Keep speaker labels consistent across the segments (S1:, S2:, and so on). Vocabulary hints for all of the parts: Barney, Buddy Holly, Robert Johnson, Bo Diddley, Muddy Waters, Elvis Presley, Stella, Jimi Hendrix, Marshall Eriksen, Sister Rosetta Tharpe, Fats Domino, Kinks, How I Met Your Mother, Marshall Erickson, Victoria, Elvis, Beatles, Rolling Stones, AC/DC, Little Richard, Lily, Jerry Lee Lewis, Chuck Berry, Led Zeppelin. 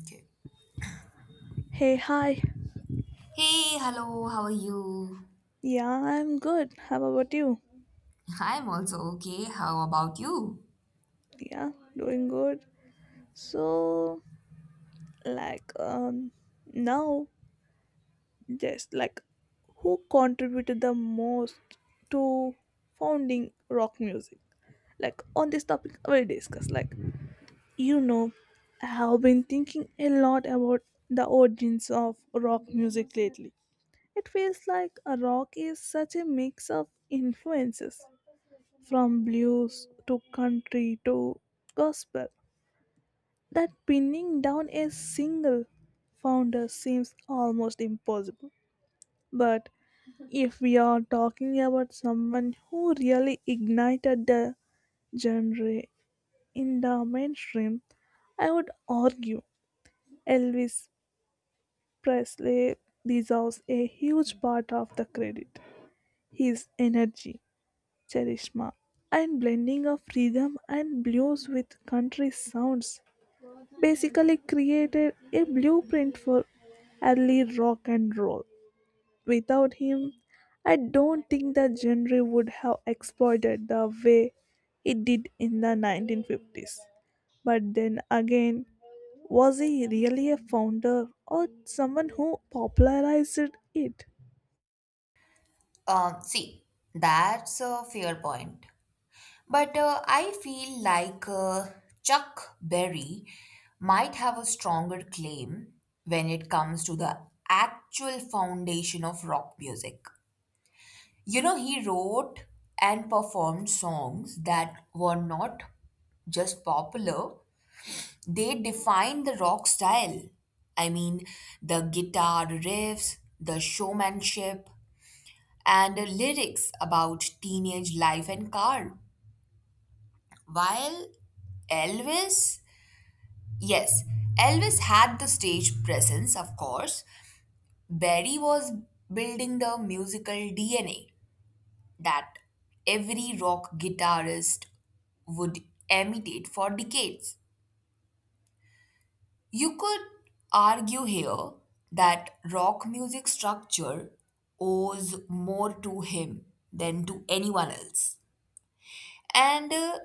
S1: Okay.
S2: Hey, hi.
S1: Hey, hello, how are you?
S2: Yeah, I'm good. How about you?
S1: I'm also okay. How about you?
S2: Yeah, Doing good. So, like, um, now, just like, who contributed the most to founding rock music? On this topic, we'll discuss. You know, I have been thinking a lot about the origins of rock music lately. It feels like a rock is such a mix of influences from blues to country to gospel. That pinning down a single founder seems almost impossible. But if we are talking about someone who really ignited the genre in the mainstream, I would argue Elvis Presley deserves a huge part of the credit. His energy, Charishma, and blending of rhythm and blues with country sounds basically created a blueprint for early rock and roll. Without him, I don't think the genre would have exploded the way it did in the 1950s. But then again, was he really a founder or someone who popularized it?
S1: See, that's a fair point. But I feel like Chuck Berry might have a stronger claim when it comes to the actual foundation of rock music. You know, he wrote and performed songs that were not just popular. They defined the rock style. I mean, the guitar riffs, the showmanship, and the lyrics about teenage life and car. While Elvis, yes, Elvis had the stage presence, of course. Berry was building the musical DNA that every rock guitarist would imitate for decades. You could argue here that rock music structure owes more to him than to anyone else. And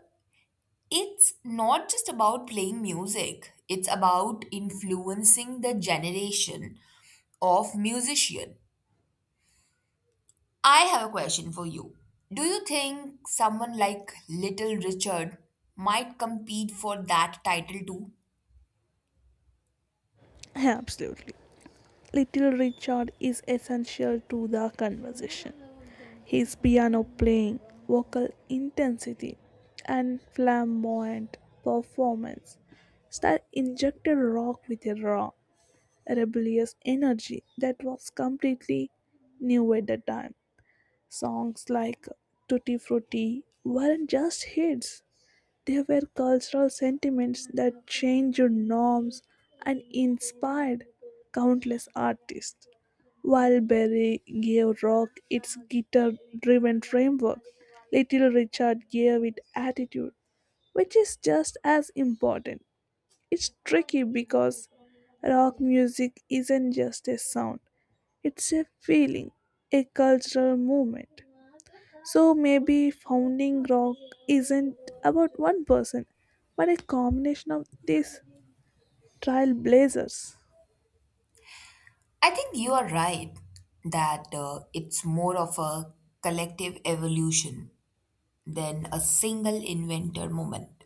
S1: it's not just about playing music, it's about influencing the generation of musician. I have a question for you. Do you think someone like Little Richard might compete for that title too?
S2: Absolutely. Little Richard is essential to the conversation. His piano playing, vocal intensity, and flamboyant performance style injected rock with a raw, rebellious energy that was completely new at the time. Songs like Tutti Frutti weren't just hits, there were cultural sentiments that changed norms and inspired countless artists. While Berry gave rock its guitar driven framework, Little Richard gave it attitude, which is just as important. It's tricky because rock music isn't just a sound, it's a feeling, a cultural movement. So maybe founding rock isn't about one person, but a combination of these trailblazers.
S1: I think you are right that it's more of a collective evolution than a single inventor moment.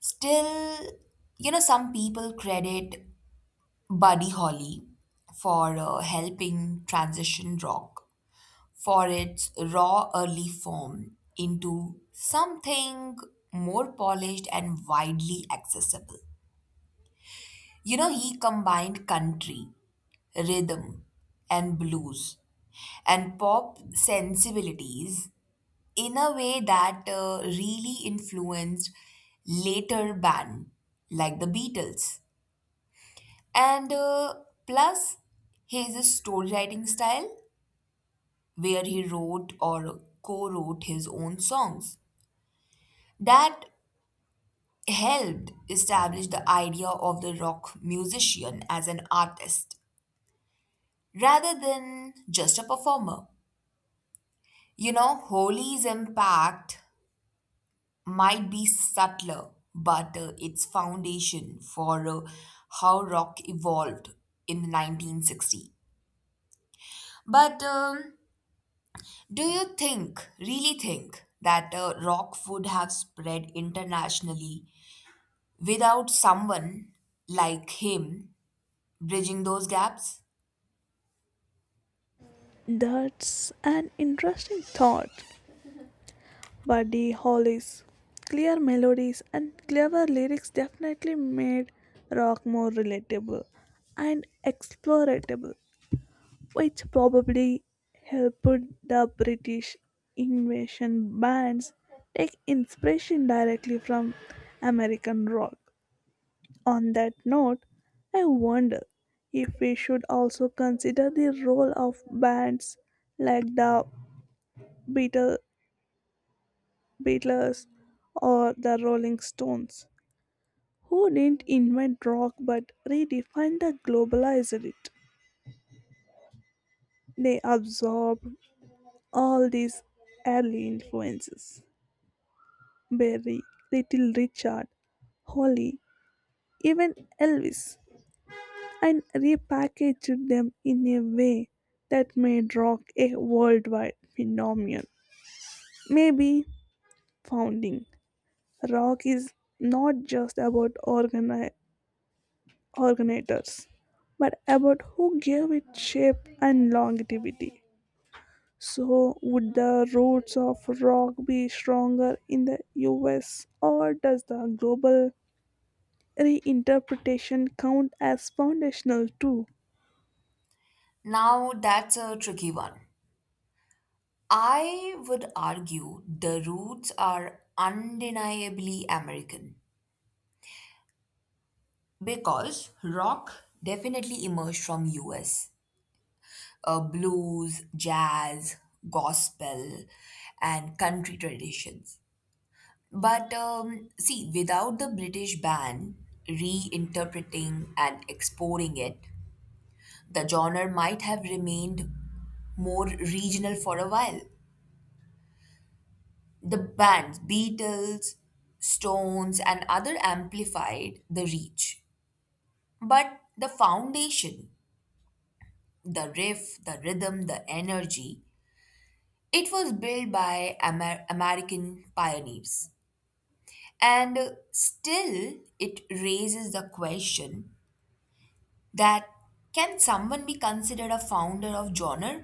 S1: Still, you know, some people credit Buddy Holly for helping transition rock for its raw early form into something more polished and widely accessible. You know, he combined country rhythm and blues and pop sensibilities in a way that really influenced later band like the Beatles. And plus his storywriting style where he wrote or co-wrote his own songs that helped establish the idea of the rock musician as an artist rather than just a performer. You know, Holi's impact might be subtler, but its foundation for how rock evolved in 1960. But do you think, really think, that rock would have spread internationally without someone like him bridging those gaps?
S2: That's an interesting thought. Buddy Holly's clear melodies and clever lyrics definitely made rock more relatable and exploratable, which probably helped the British invasion bands take inspiration directly from American rock. On that note, I wonder if we should also consider the role of bands like the Beatle- Beatles or the Rolling Stones, who didn't invent rock but redefined the globalized it. They absorbed all these early influences. Berry, Little Richard, Holly, even Elvis, and repackaged them in a way that made rock a worldwide phenomenon. Maybe founding rock is not just about organizers, but about who gave it shape and longevity. So, would the roots of rock be stronger in the US, or does the global reinterpretation count as foundational too?
S1: Now, that's a tricky one. I would argue the roots are undeniably American. Because rock definitely emerged from US. Blues, jazz, gospel, and country traditions. But see, without the British ban reinterpreting and exporting it, the genre might have remained more regional for a while. The bands, Beatles, Stones, and other amplified the reach. But the foundation. The riff, the rhythm, the energy. It was built by American pioneers. And still, it raises the question that can someone be considered a founder of genre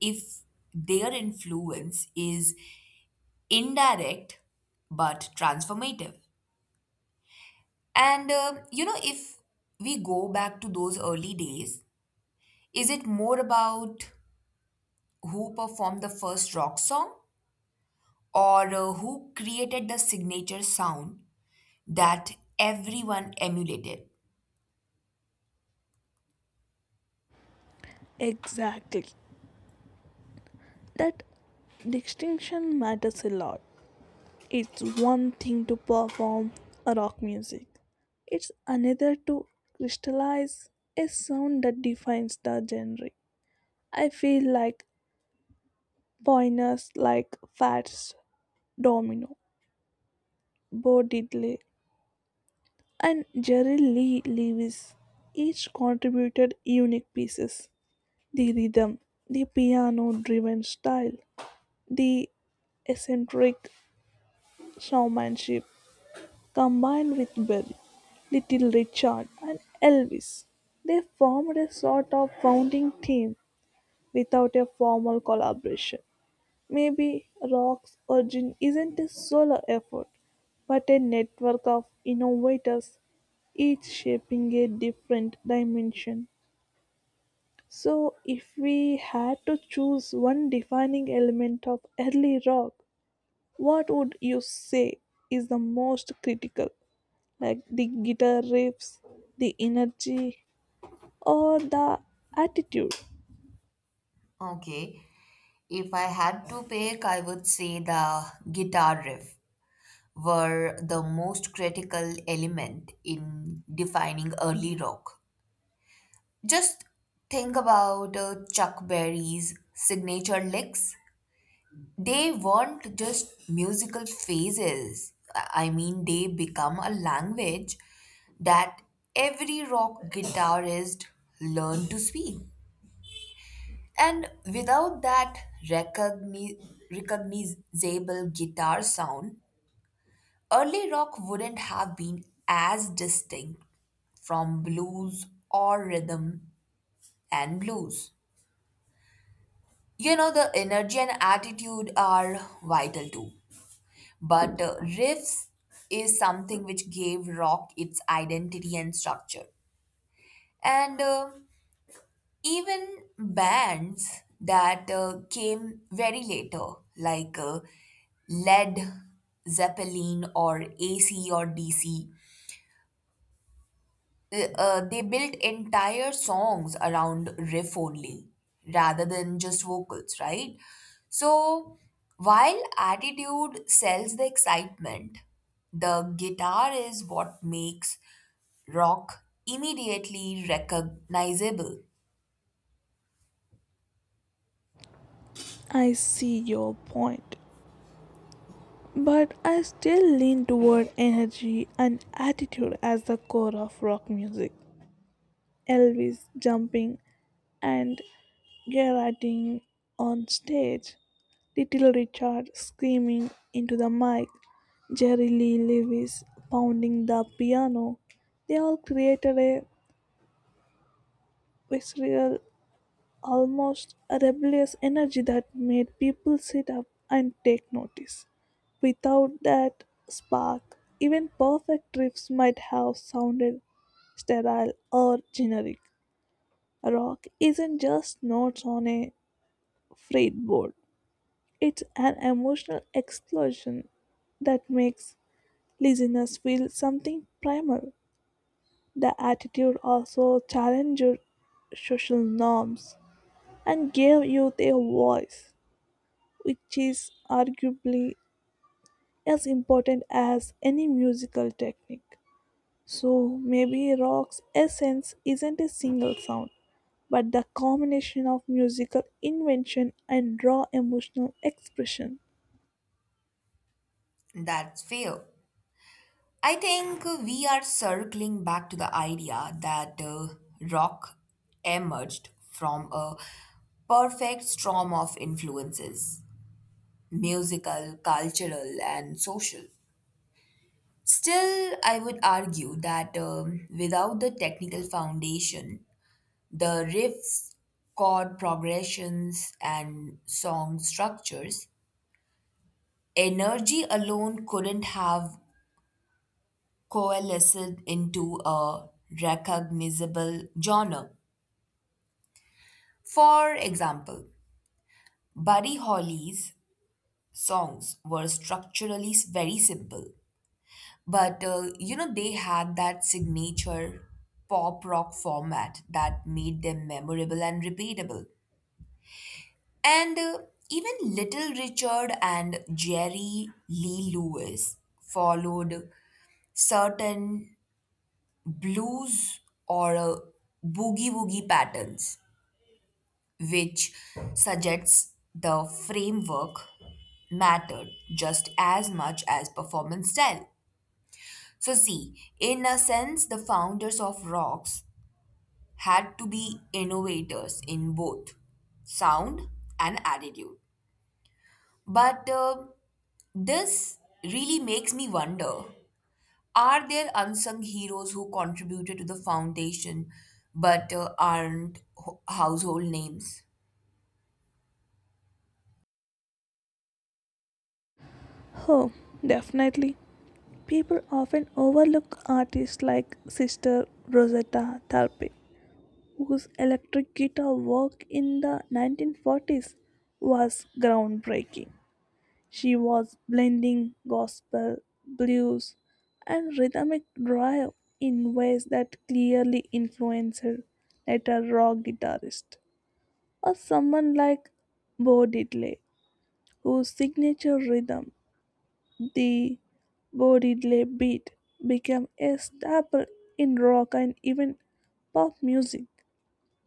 S1: if their influence is indirect but transformative? And you know, if we go back to those early days, is it more about who performed the first rock song or who created the signature sound that everyone emulated?
S2: Exactly, that distinction matters a lot. It's one thing to perform a rock music, it's another to crystallize a sound that defines the genre. I feel like pioneers like Fats Domino, Bo Diddley, and Jerry Lee Lewis each contributed unique pieces: the rhythm, the piano driven style, the eccentric showmanship. Combined with Bill, Little Richard, and Elvis, they formed a sort of founding team without a formal collaboration. Maybe Rock's origin isn't a solo effort, but a network of innovators, each shaping a different dimension. So, if we had to choose one defining element of early rock, what would you say is the most critical? Like the guitar riffs, the energy, or the attitude.
S1: Okay. If I had to pick, I would say the guitar riff were the most critical element in defining early rock. Just think about Chuck Berry's signature licks. They weren't just musical phases. I mean, they become a language that every rock guitarist learned to speak. And without that recogni- recognizable guitar sound, early rock wouldn't have been as distinct from blues or rhythm and blues. You know, the energy and attitude are vital too. But riffs is something which gave rock its identity and structure. And even bands that came very later, like Led Zeppelin or AC or DC, they built entire songs around riff only rather than just vocals, right? So while attitude sells the excitement, the guitar is what makes rock immediately recognizable.
S2: I see your point, but I still lean toward energy and attitude as the core of rock music. Elvis jumping and Gerarding on stage, Little Richard screaming into the mic, Jerry Lee Lewis pounding the piano, they all created a visceral almost a rebellious energy that made people sit up and take notice. Without that spark, even perfect riffs might have sounded sterile or generic. Rock isn't just notes on a fretboard, it's an emotional explosion that makes listeners feel something primal. The attitude also challenged social norms and gave youth a voice, which is arguably as important as any musical technique. So maybe rock's essence isn't a single sound, but the combination of musical invention and raw emotional expression.
S1: That's fair. I think we are circling back to the idea that rock emerged from a perfect storm of influences musical, cultural, and social. Still, I would argue that without the technical foundation, the riffs, chord progressions, and song structures, energy alone couldn't have coalesced into a recognizable genre. For example, Buddy Holly's songs were structurally very simple. But you know, they had that signature pop rock format that made them memorable and repeatable. And even Little Richard and Jerry Lee Lewis followed certain blues or boogie woogie patterns, which suggests the framework mattered just as much as performance style. So, see, in a sense, the founders of rocks had to be innovators in both sound and attitude. But this really makes me wonder, are there unsung heroes who contributed to the foundation but aren't household names?
S2: Oh, definitely. People often overlook artists like Sister Rosetta Tharpe, whose electric guitar work in the 1940s was groundbreaking. She was blending gospel, blues, and rhythmic drive in ways that clearly influenced later rock guitarists, or someone like Bo Diddley, whose signature rhythm, the Bo Diddley beat, became a staple in rock and even pop music.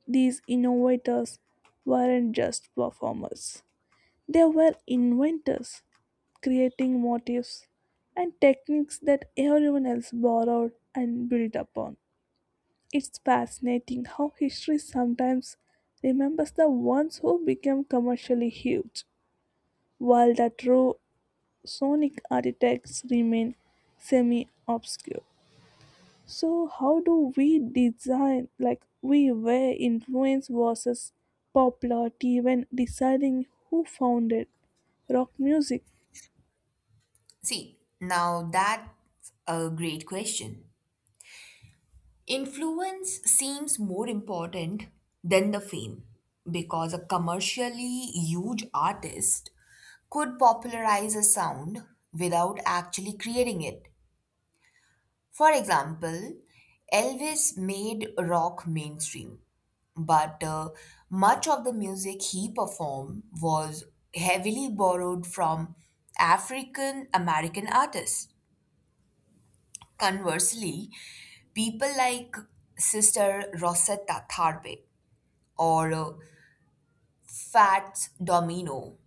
S2: These innovators weren't just performers; they were inventors creating motifs and techniques that everyone else borrowed and built upon. It's fascinating how history sometimes remembers the ones who became commercially huge, while the true sonic architects remain semi obscure. So, how do we design, like, we weigh influence versus popularity when deciding who founded rock music?
S1: See, now that's a great question. Influence seems more important than the fame because a commercially huge artist could popularize a sound without actually creating it. For example, Elvis made rock mainstream, but much of the music he performed was heavily borrowed from African American artists. Conversely, people like Sister Rosetta Tharpe or Fats Domino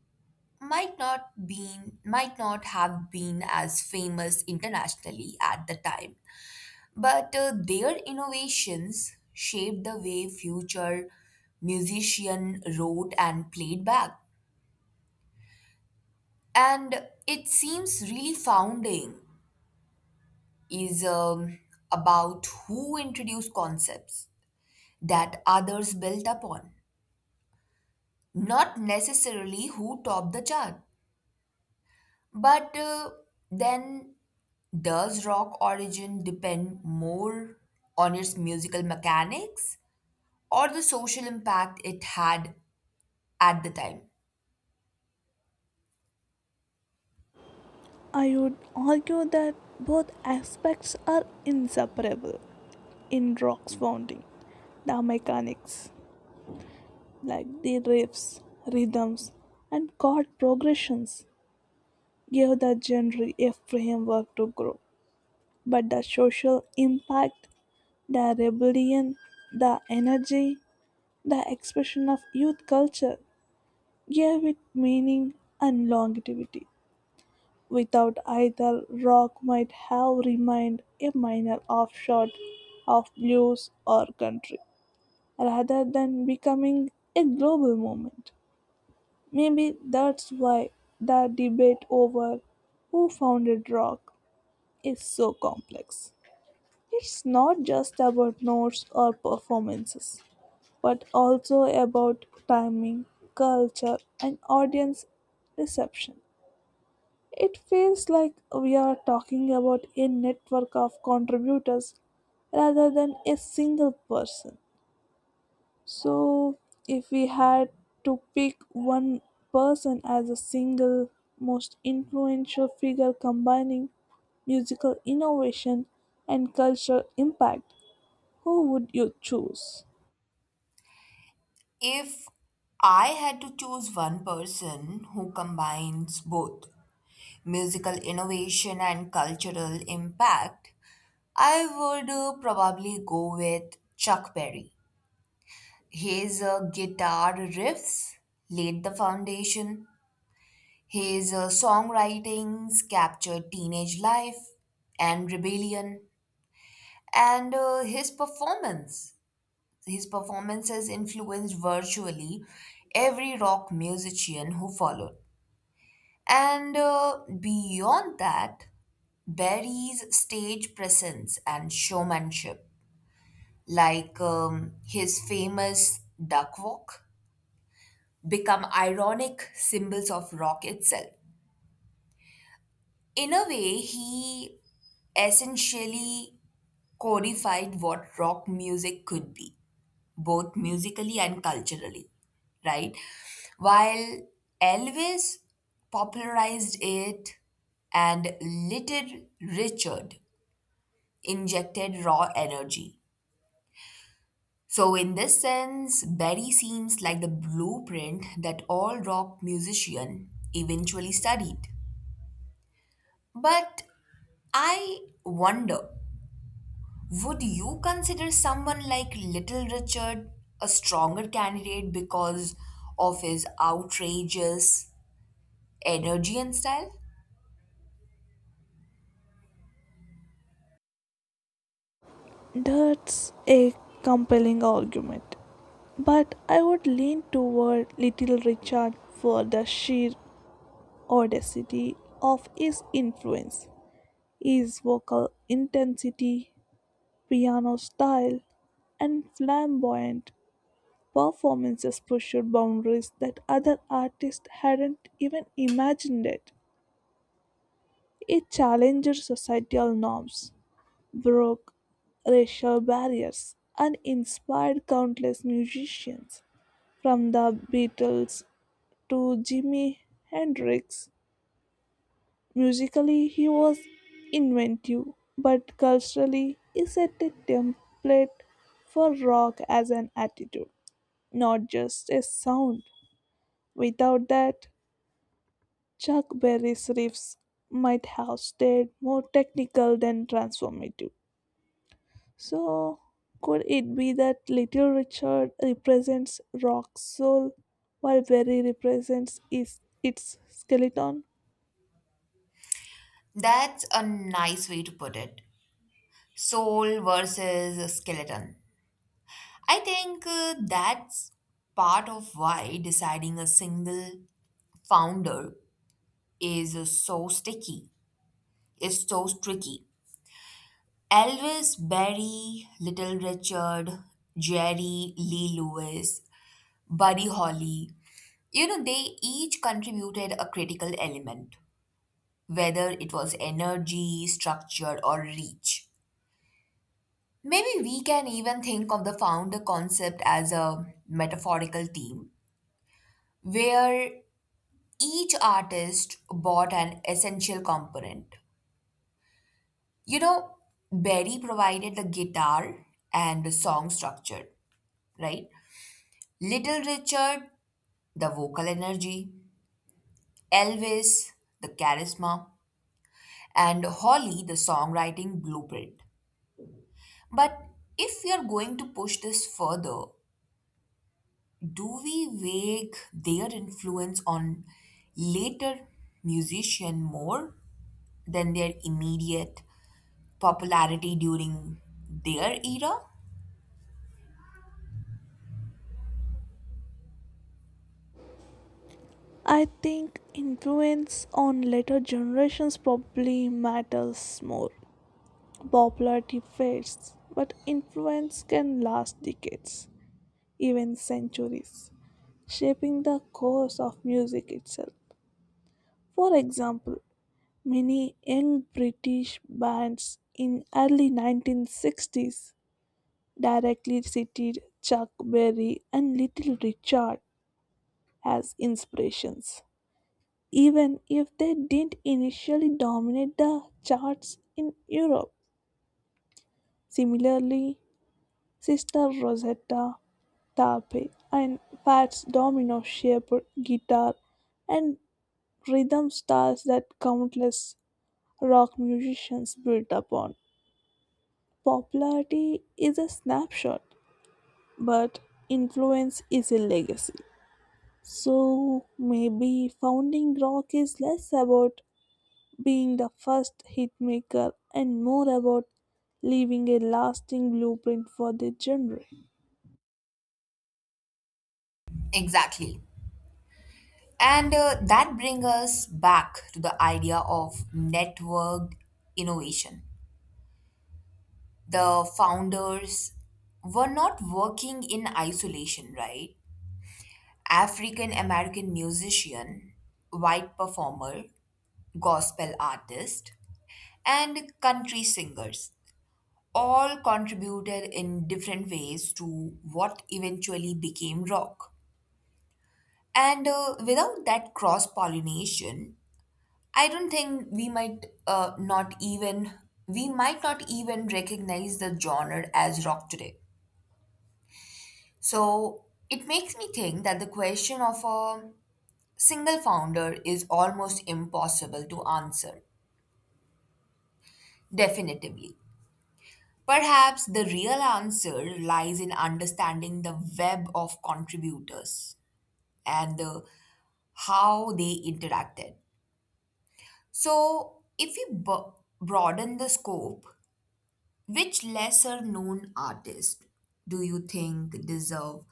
S1: might not have been as famous internationally at the time, but their innovations shaped the way future musician wrote and played back. And it seems really founding is about who introduced concepts that others built upon, not necessarily who topped the chart. But then, does rock origin depend more on its musical mechanics or the social impact it had at the time?
S2: I would argue that both aspects are inseparable in rock's founding. The mechanics, like the riffs, rhythms, and chord progressions, gave the genre a framework to grow. But the social impact, the rebellion, the energy, the expression of youth culture gave it meaning and longevity. Without either, rock might have remained a minor offshoot of blues or country rather than becoming a global movement. Maybe that's why the debate over who founded rock is so complex. It's not just about notes or performances, but also about timing, culture, and audience reception. It feels like we are talking about a network of contributors rather than a single person. So, if we had to pick one person as a single most influential figure combining musical innovation and cultural impact, who would you choose?
S1: If I had to choose one person who combines both musical innovation and cultural impact, I would probably go with Chuck Berry. His guitar riffs laid the foundation. His songwritings captured teenage life and rebellion, and his performances influenced virtually every rock musician who followed. And beyond that, Berry's stage presence and showmanship, like his famous duck walk, become ironic symbols of rock itself. In a way, he essentially codified what rock music could be, both musically and culturally, right? While Elvis popularized it and Little Richard injected raw energy. So, in this sense, Berry seems like the blueprint that all rock musicians eventually studied. But I wonder, would you consider someone like Little Richard a stronger candidate because of his outrageous energy and style?
S2: That's a compelling argument, but I would lean toward Little Richard for the sheer audacity of his influence. His vocal intensity, piano style, and flamboyant performances pushed boundaries that other artists hadn't even imagined it. It challenged societal norms, broke racial barriers, and inspired countless musicians, from the Beatles to Jimi Hendrix. Musically, he was inventive, but culturally, he set a template for rock as an attitude, not just a sound. Without that, Chuck Berry's riffs might have stayed more technical than transformative. So, could it be that Little Richard represents rock soul while Berry represents is its skeleton?
S1: That's a nice way to put it. Soul versus skeleton. I think that's part of why deciding a single founder is uh, so sticky, is so tricky. Elvis, Barry, Little Richard, Jerry, Lee Lewis, Buddy Holly, you know, they each contributed a critical element, whether it was energy, structure, or reach. Maybe we can even think of the founder concept as a metaphorical team, where each artist bought an essential component. You know, Berry provided the guitar and the song structure, right? Little Richard, the vocal energy, Elvis, the charisma, and Holly the songwriting blueprint. But if we are going to push this further, do we weigh their influence on later musician more than their immediate popularity during their era?
S2: I think influence on later generations probably matters more. Popularity fades, but influence can last decades, even centuries, shaping the course of music itself. For example, many young British bands in early 1960s directly cited Chuck Berry and Little Richard as inspirations, even if they didn't initially dominate the charts in Europe. Similarly, Sister Rosetta, Tape, and Fats Domino shaped guitar and rhythm styles that countless rock musicians built upon. Popularity is a snapshot, but influence is a legacy. So maybe founding rock is less about being the first hitmaker and more about leaving a lasting blueprint for the genre.
S1: Exactly. And that brings us back to the idea of networked innovation. The founders were not working in isolation, right? African American musician, white performer, gospel artist, and country singers all contributed in different ways to what eventually became rock. And without that cross pollination, I don't think we might not even we might not even recognize the genre as rock today. So it makes me think that the question of a single founder is almost impossible to answer definitively. Perhaps the real answer lies in understanding the web of contributors and how they interacted. So, if we broaden the scope, which lesser known artist do you think deserve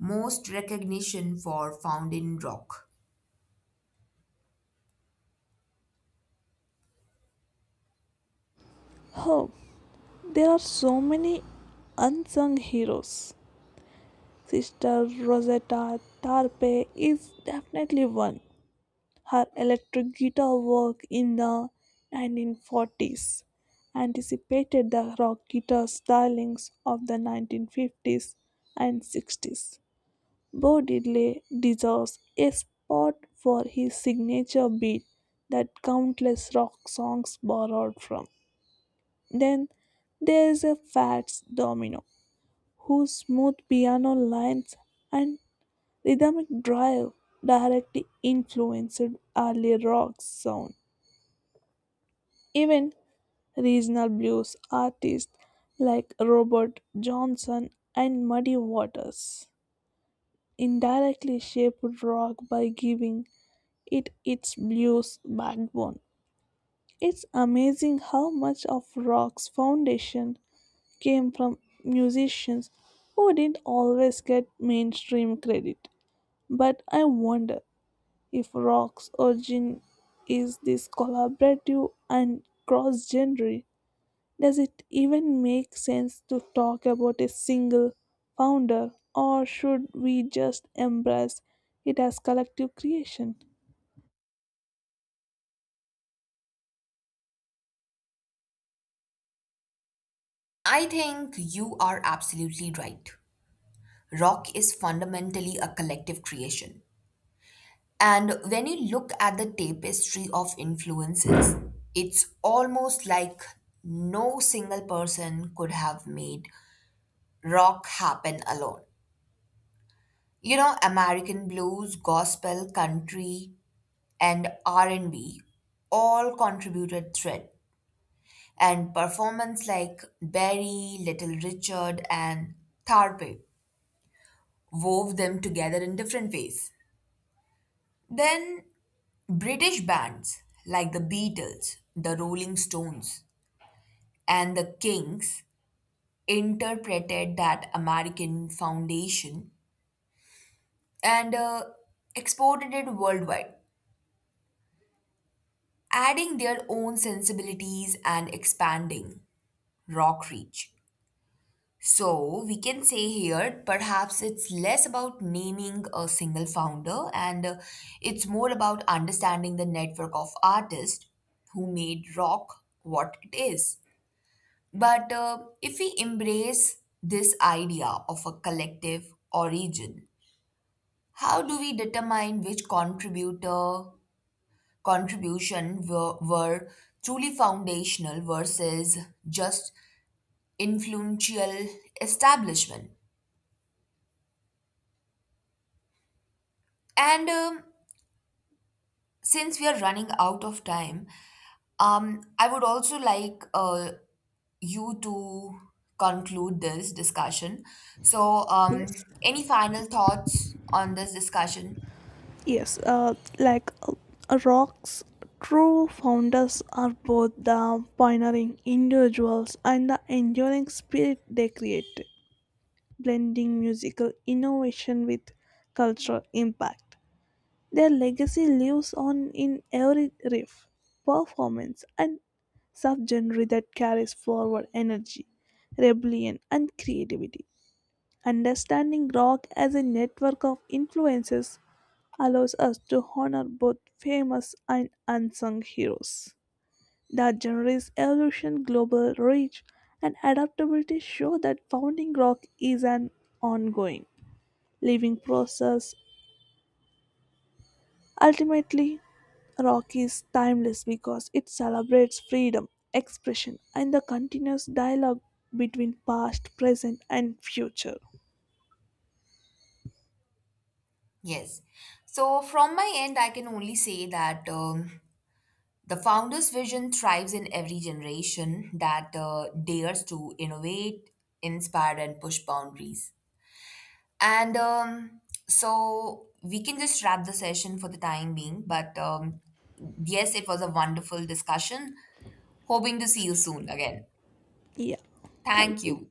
S1: most recognition for Found in Rock?
S2: Oh, there are so many unsung heroes. Sister Rosetta Tarpe is definitely one. Her electric guitar work in the 1940s anticipated the rock guitar stylings of the 1950s and 60s. Bo Diddley deserves a spot for his signature beat that countless rock songs borrowed from. Then there's a Fats Domino, whose smooth piano lines and rhythmic drive directly influenced early rock sound. Even regional blues artists like Robert Johnson and Muddy Waters indirectly shaped rock by giving it its blues backbone. It's amazing how much of rock's foundation came from musicians who didn't always get mainstream credit. But I wonder if rock's origin is this collaborative and cross genre. Does it even make sense to talk about a single founder, or should we just embrace it as collective creation?
S1: I think you are absolutely right. Rock is fundamentally a collective creation. And when you look at the tapestry of influences, it's almost like no single person could have made rock happen alone. You know, American blues, gospel, country, and R&B all contributed thread and performance like Barry, Little Richard, and Tharpe wove them together in different ways. Then British bands like the Beatles, the Rolling Stones, and the Kinks interpreted that American foundation and exported it worldwide, adding their own sensibilities and expanding rock reach. So, we can say here perhaps it's less about naming a single founder and it's more about understanding the network of artists who made rock what it is. But if we embrace this idea of a collective origin, how do we determine which contributor contribution were truly foundational versus just influential establishment? And since we are running out of time, I would also like you to conclude this discussion. So,
S2: Yes.
S1: any final thoughts on this discussion?
S2: Rock's true founders are both the pioneering individuals and the enduring spirit they create, blending musical innovation with cultural impact. Their legacy lives on in every riff, performance, and subgenre that carries forward energy, rebellion, and creativity. Understanding rock as a network of influences allows us to honor both famous and unsung heroes. The genre's evolution, global reach, and adaptability show that founding rock is an ongoing, living process. Ultimately, rock is timeless because it celebrates freedom, expression, and the continuous dialogue between past, present, and future.
S1: Yes. So, from my end, I can only say that the founder's vision thrives in every generation that dares to innovate, inspire, and push boundaries. And so, we can just wrap the session for the time being. But yes, it was a wonderful discussion. Hoping to see you soon again.
S2: Yeah, thank
S1: Thank
S2: you.
S1: you.